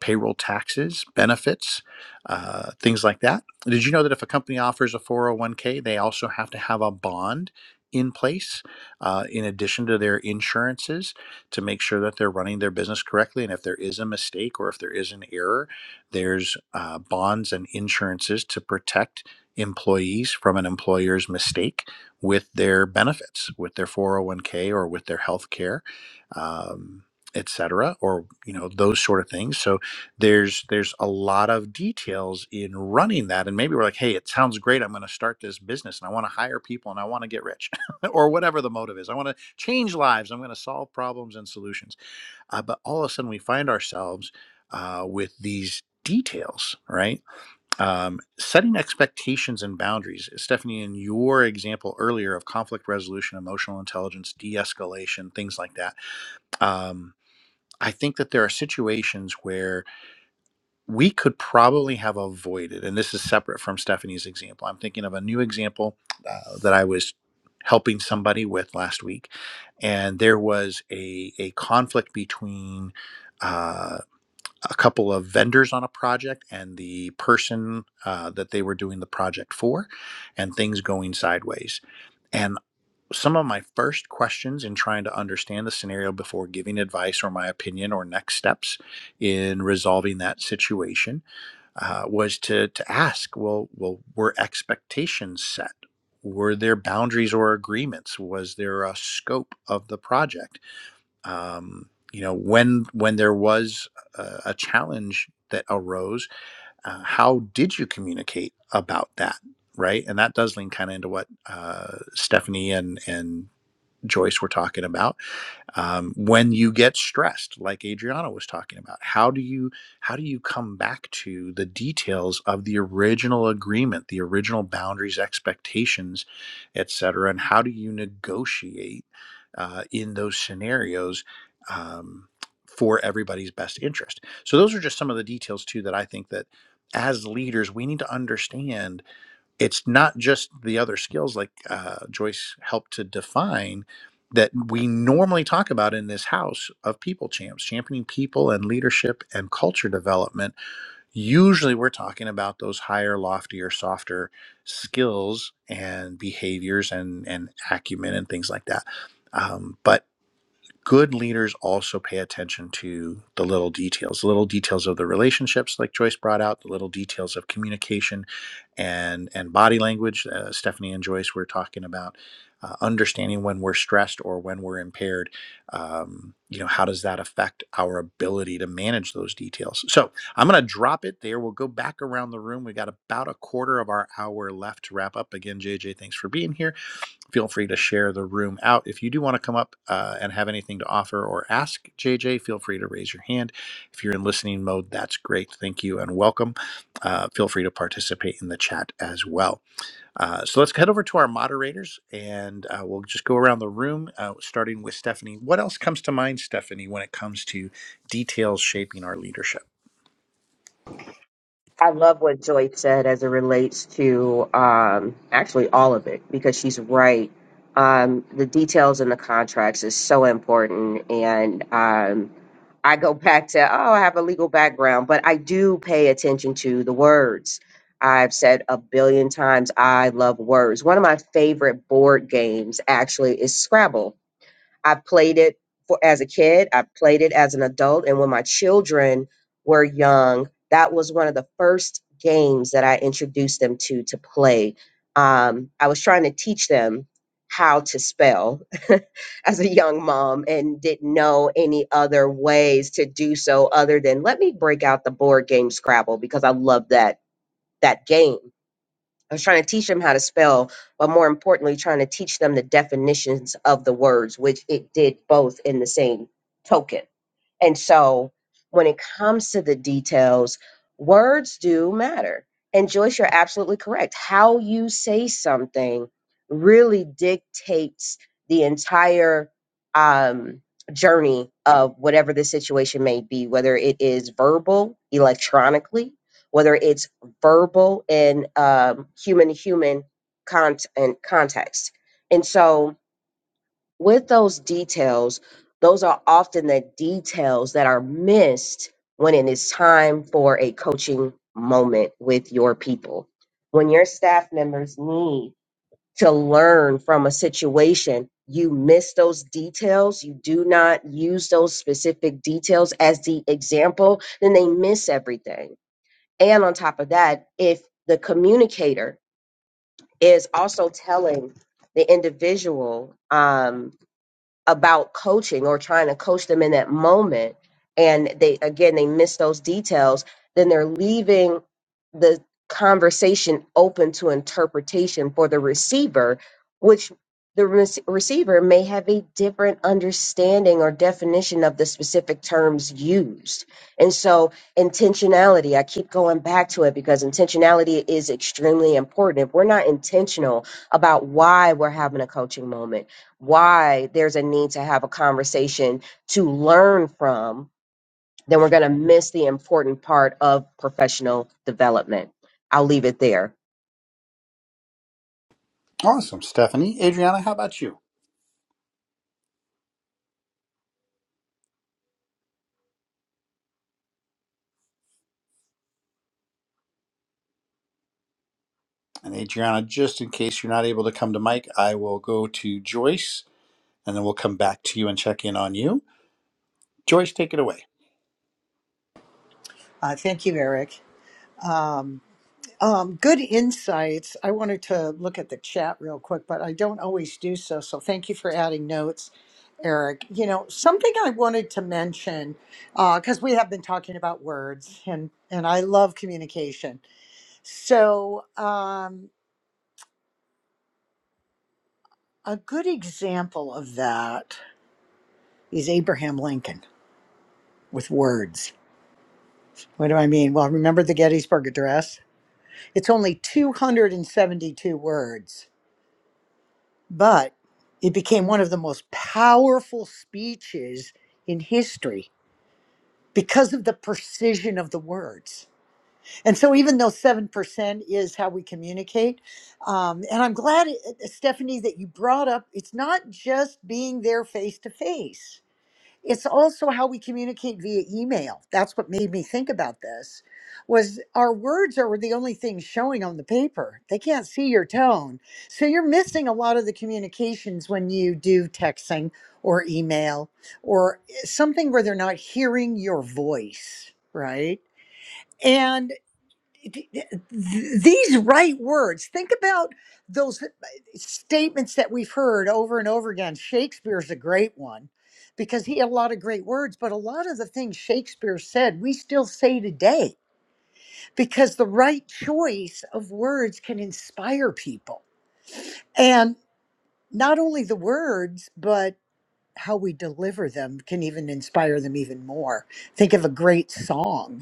Speaker 1: payroll taxes, benefits, uh, things like that. Did you know that if a company offers a 401k, they also have to have a bond in place uh, in addition to their insurances to make sure that they're running their business correctly? And if there is a mistake or if there is an error, there's uh, bonds and insurances to protect employees from an employer's mistake with their benefits, with their 401k or with their health care. Um, etc or you know those sort of things so there's there's a lot of details in running that and maybe we're like hey it sounds great i'm going to start this business and i want to hire people and i want to get rich <laughs> or whatever the motive is i want to change lives i'm going to solve problems and solutions uh, but all of a sudden we find ourselves uh, with these details right um, setting expectations and boundaries stephanie in your example earlier of conflict resolution emotional intelligence de-escalation things like that um, i think that there are situations where we could probably have avoided, and this is separate from Stephanie's example. I'm thinking of a new example uh, that I was helping somebody with last week, and there was a, a conflict between uh, a couple of vendors on a project and the person uh, that they were doing the project for, and things going sideways. And some of my first questions in trying to understand the scenario before giving advice or my opinion or next steps in resolving that situation uh, was to to ask well well were expectations set were there boundaries or agreements was there a scope of the project um, you know when when there was a, a challenge that arose uh, how did you communicate about that right and that does lean kind of into what uh, stephanie and and joyce were talking about um, when you get stressed like adriana was talking about how do you how do you come back to the details of the original agreement the original boundaries expectations et cetera, and how do you negotiate uh, in those scenarios um, for everybody's best interest so those are just some of the details too that i think that as leaders we need to understand it's not just the other skills like uh, Joyce helped to define that we normally talk about in this house of people champs, championing people and leadership and culture development. Usually we're talking about those higher, loftier, softer skills and behaviors and, and acumen and things like that. Um, but good leaders also pay attention to the little details, the little details of the relationships, like Joyce brought out, the little details of communication and and body language. Uh, Stephanie and Joyce were talking about uh, understanding when we're stressed or when we're impaired. Um, you know, how does that affect our ability to manage those details? So I'm going to drop it there. We'll go back around the room. We got about a quarter of our hour left to wrap up. Again, JJ, thanks for being here feel free to share the room out. If you do want to come up uh, and have anything to offer or ask JJ, feel free to raise your hand. If you're in listening mode, that's great. Thank you and welcome. Uh, feel free to participate in the chat as well. Uh, so let's head over to our moderators and uh, we'll just go around the room, uh, starting with Stephanie. What else comes to mind, Stephanie, when it comes to details shaping our leadership?
Speaker 2: I love what Joy said as it relates to um, actually all of it because she's right. Um, the details in the contracts is so important. And, um, I go back to, oh, I have a legal background, but I do pay attention to the words. I've said a billion times, I love words. One of my favorite board games actually is Scrabble I played it for as a kid, I played it as an adult, and when my children were young, that was one of the first games that I introduced them to to play. Um, I was trying to teach them how to spell <laughs> as a young mom and didn't know any other ways to do so other than let me break out the board game Scrabble because I love that that game I was trying to teach them how to spell, but more importantly, trying to teach them the definitions of the words, which it did both in the same token. And so when it comes to the details, words do matter. And Joyce, you're absolutely correct. How you say something really dictates the entire um, journey of whatever the situation may be, whether it is verbal, electronically, whether it's verbal in um, human to human context. And context. And so, with those details, those are often the details that are missed when it is time for a coaching moment with your people. When your staff members need to learn from a situation, you miss those details, you do not use those specific details as the example, then they miss everything. And on top of that, if the communicator is also telling the individual, um, about coaching or trying to coach them in that moment and they again they miss those details then they're leaving the conversation open to interpretation for the receiver which the rec- receiver may have a different understanding or definition of the specific terms used and so intentionality i keep going back to it because intentionality is extremely important if we're not intentional about why we're having a coaching moment why there's a need to have a conversation to learn from, then we're going to miss the important part of professional development. I'll leave it there.
Speaker 1: Awesome, Stephanie. Adriana, how about you? And Adriana, just in case you're not able to come to Mike, I will go to Joyce and then we'll come back to you and check in on you. Joyce, take it away.
Speaker 4: Uh, thank you, Eric. Um, um, good insights. I wanted to look at the chat real quick, but I don't always do so. So thank you for adding notes, Eric. You know, something I wanted to mention because we have been talking about words, and and I love communication. So, um, a good example of that is Abraham Lincoln with words. What do I mean? Well, remember the Gettysburg Address? It's only 272 words, but it became one of the most powerful speeches in history because of the precision of the words. And so, even though 7% is how we communicate, um, and I'm glad, uh, Stephanie, that you brought up it's not just being there face to face it's also how we communicate via email that's what made me think about this was our words are the only thing showing on the paper they can't see your tone so you're missing a lot of the communications when you do texting or email or something where they're not hearing your voice right th- th- these right words think about those uh, statements that we've heard over and over again shakespeare's a great one because he had a lot of great words but a lot of the things shakespeare said we still say today because the right choice of words can inspire people and not only the words but how we deliver them can even inspire them even more think of a great song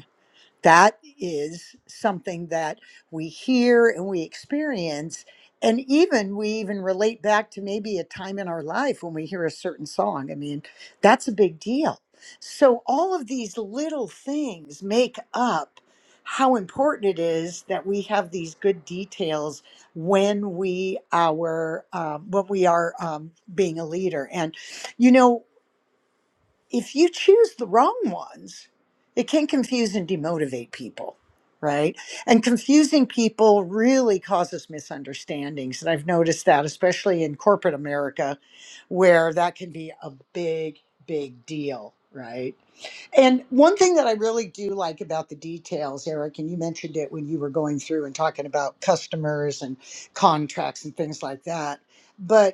Speaker 4: that is something that we hear and we experience. And even we even relate back to maybe a time in our life when we hear a certain song. I mean, that's a big deal. So, all of these little things make up how important it is that we have these good details when we our um, when we are um, being a leader and you know if you choose the wrong ones, it can confuse and demotivate people, right? And confusing people really causes misunderstandings. And I've noticed that, especially in corporate America, where that can be a big, big deal, right? And one thing that I really do like about the details, Eric, and you mentioned it when you were going through and talking about customers and contracts and things like that. but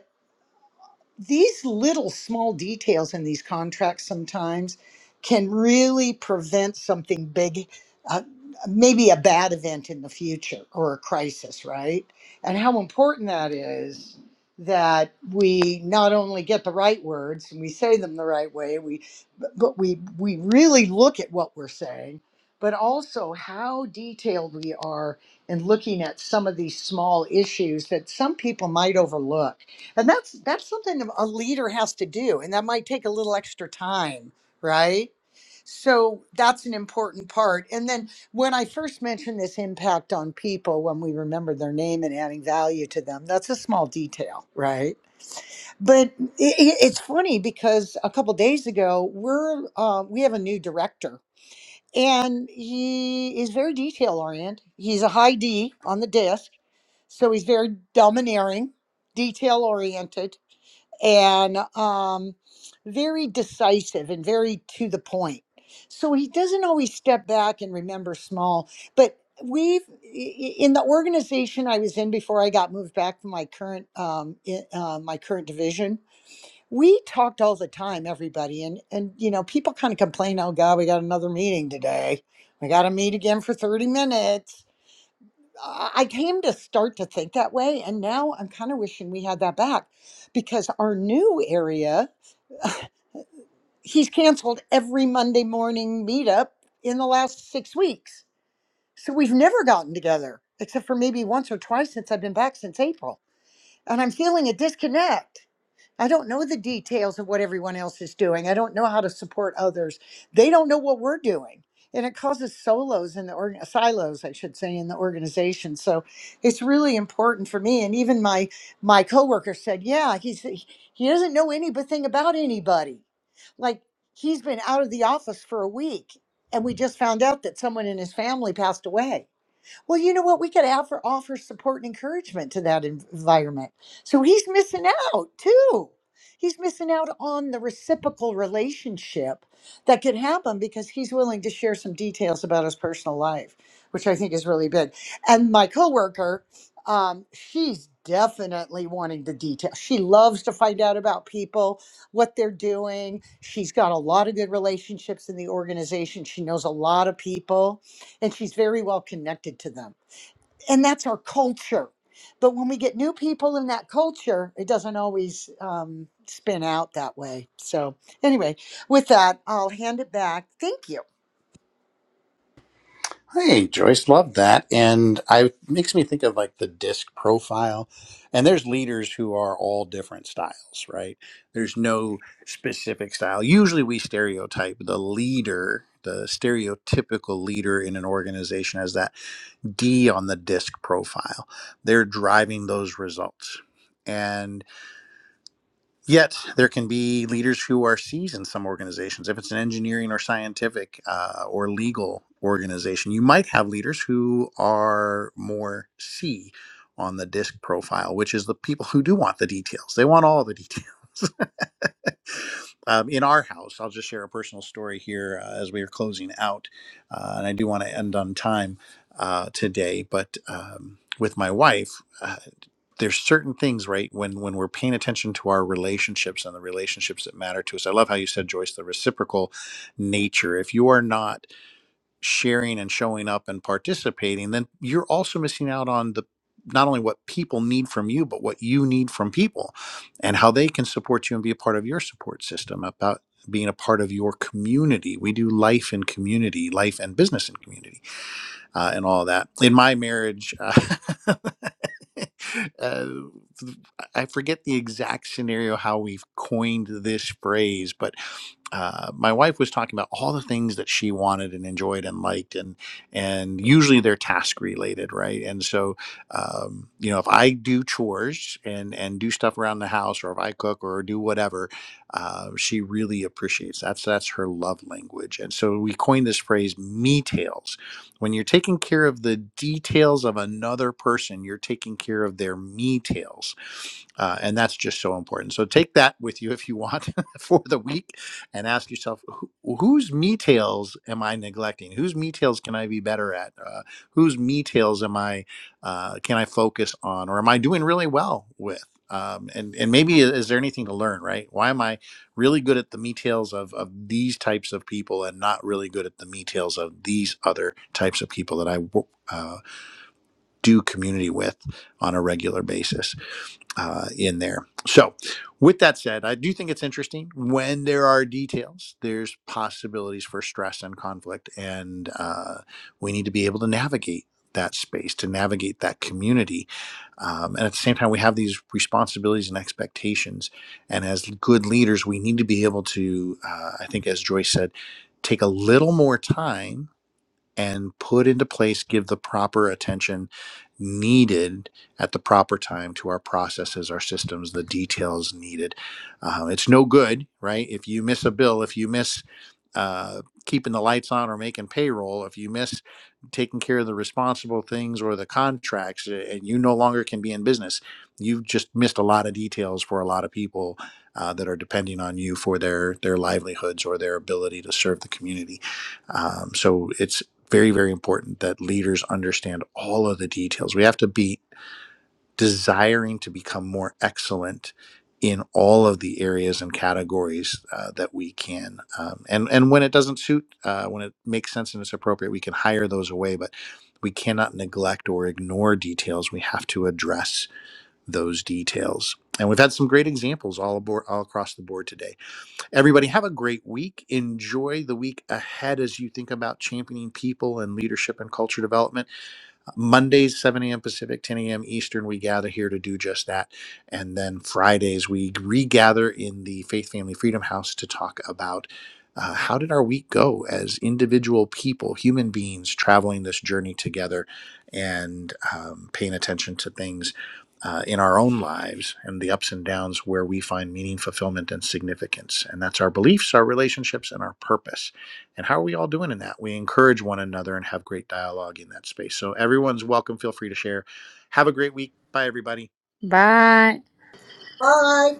Speaker 4: these little small details in these contracts sometimes can really prevent something big, uh, maybe a bad event in the future or a crisis, right? And how important that is that we not only get the right words and we say them the right way, we but but we we really look at what we're saying, but also how detailed we are in looking at some of these small issues that some people might overlook and that's that's something a leader has to do, and that might take a little extra time, right? So that's an important part. And then when I first mentioned this impact on people, when we remember their name and adding value to them, that's a small detail, right? But i i- it's funny because a couple days ago, we're uh, we have a new director, and he is very detail oriented. He's a high D on the disc, so he's very domineering, detail oriented and um, very decisive and very to the point. So he doesn't always step back and remember small, but we've i- i- in the organization I was in before I got moved back from my current um, i- uh, my current division. We talked all the time, everybody, and and you know people kind of complain, oh God, we got another meeting today, we got to meet again for thirty minutes, I I came to start to think that way, and now I'm kind of wishing we had that back because our new area, he's canceled every Monday morning meetup in the last six weeks. So we've never gotten together except for maybe once or twice since I've been back since April. And I'm feeling a disconnect. I don't know the details of what everyone else is doing. I don't know how to support others. They don't know what we're doing. And it causes solos in the org- silos, I should say, in the organization. So it's really important for me. And even my my coworker said, "Yeah, he's he doesn't know anything about anybody. Like he's been out of the office for a week, and we just found out that someone in his family passed away." Well, you know what? We could offer, offer support and encouragement to that en- environment. So he's missing out too. He's missing out on the reciprocal relationship that could happen because he's willing to share some details about his personal life, which I think is really big. And my coworker, um, she's definitely wanting the details. She loves to find out about people, what they're doing. She's got a lot of good relationships in the organization. She knows a lot of people and she's very well connected to them. And that's our culture. But when we get new people in that culture, it doesn't always um, spin out that way. So, anyway, with that, I'll hand it back. Thank you.
Speaker 1: Hey, Joyce, love that. And I it makes me think of like the disc profile. And there's leaders who are all different styles, right? There's no specific style. Usually we stereotype the leader, the stereotypical leader in an organization as that D on the disc profile. They're driving those results. and. Yet there can be leaders who are C's in some organizations. If it's an engineering or scientific uh, or legal organization, you might have leaders who are more C on the disc profile, which is the people who do want the details. They want all the details. <laughs> um, in our house, I'll just share a personal story here uh, as we are closing out, uh, and I do want to end on time uh, today. But um, with my wife. uh, there's certain things right when when we're paying attention to our relationships and the relationships that matter to us i love how you said joyce the reciprocal nature if you are not sharing and showing up and participating then you're also missing out on the not only what people need from you but what you need from people and how they can support you and be a part of your support system about being a part of your community we do life in community life and business in community uh, and all that. In my marriage, uh, <laughs> uh, I forget the exact scenario how we've coined this phrase, but uh, my wife was talking about all the things that she wanted and enjoyed and liked, and and usually they're task related, right? And so, um, you know, if I do chores and and do stuff around the house, or if I cook or do whatever, uh, she really appreciates that's that's her love language, and so we coined this phrase "me tails." When you're taking care of the details of another person, you're taking care of their me tails. Uh, and that's just so important. So take that with you if you want <laughs> for the week and ask yourself who, whose me tails am I neglecting? Whose me tails can I be better at? Uh, whose me tails am I, uh, can I focus on or am I doing really well with? Um, and, and maybe uh, is there anything to learn, right? Why am I? really good at the details of, of these types of people and not really good at the details of these other types of people that I uh, do community with on a regular basis uh, in there. So, with that said, I do think it's interesting when there are details, there's possibilities for stress and conflict, and uh, we need to be able to navigate that space, to navigate that community. Um, and at the same time, we have these responsibilities and expectations. And as good leaders, we need to be able to, uh, I think, as Joyce said, take a little more time and put into place, give the proper attention needed at the proper time to our processes, our systems, the details needed. Uh, it's no good, right? If you miss a bill, if you miss uh, keeping the lights on or making payroll, if you miss taking care of the responsible things or the contracts, a- and you no longer can be in business, you've just missed a lot of details for a lot of people uh, that are depending on you for their their livelihoods or their ability to serve the community. Um, so it's very very important that leaders understand all of the details we have to be desiring to become more excellent in all of the areas and categories uh, that we can um, and and when it doesn't suit uh, when it makes sense and it's appropriate we can hire those away but we cannot neglect or ignore details we have to address those details and we've had some great examples all aboard all across the board today Everybody, have a great week. Enjoy the week ahead as you think about championing people and leadership and culture development. Mondays, 7 a.m. Pacific, 10 a.m. Eastern, we gather here to do just that. And then Fridays, we regather in the Faith Family Freedom House to talk about uh, how did our week go as individual people, human beings traveling this journey together and um, paying attention to things uh, in our own lives and the ups and downs where we find meaning, fulfillment, and significance. And that's our beliefs, our relationships, and our purpose. And how are we all doing in that? We encourage one another and have great dialogue in that space. So everyone's welcome. Feel free to share. Have a great week. Bye, everybody.
Speaker 3: bye
Speaker 4: Bye.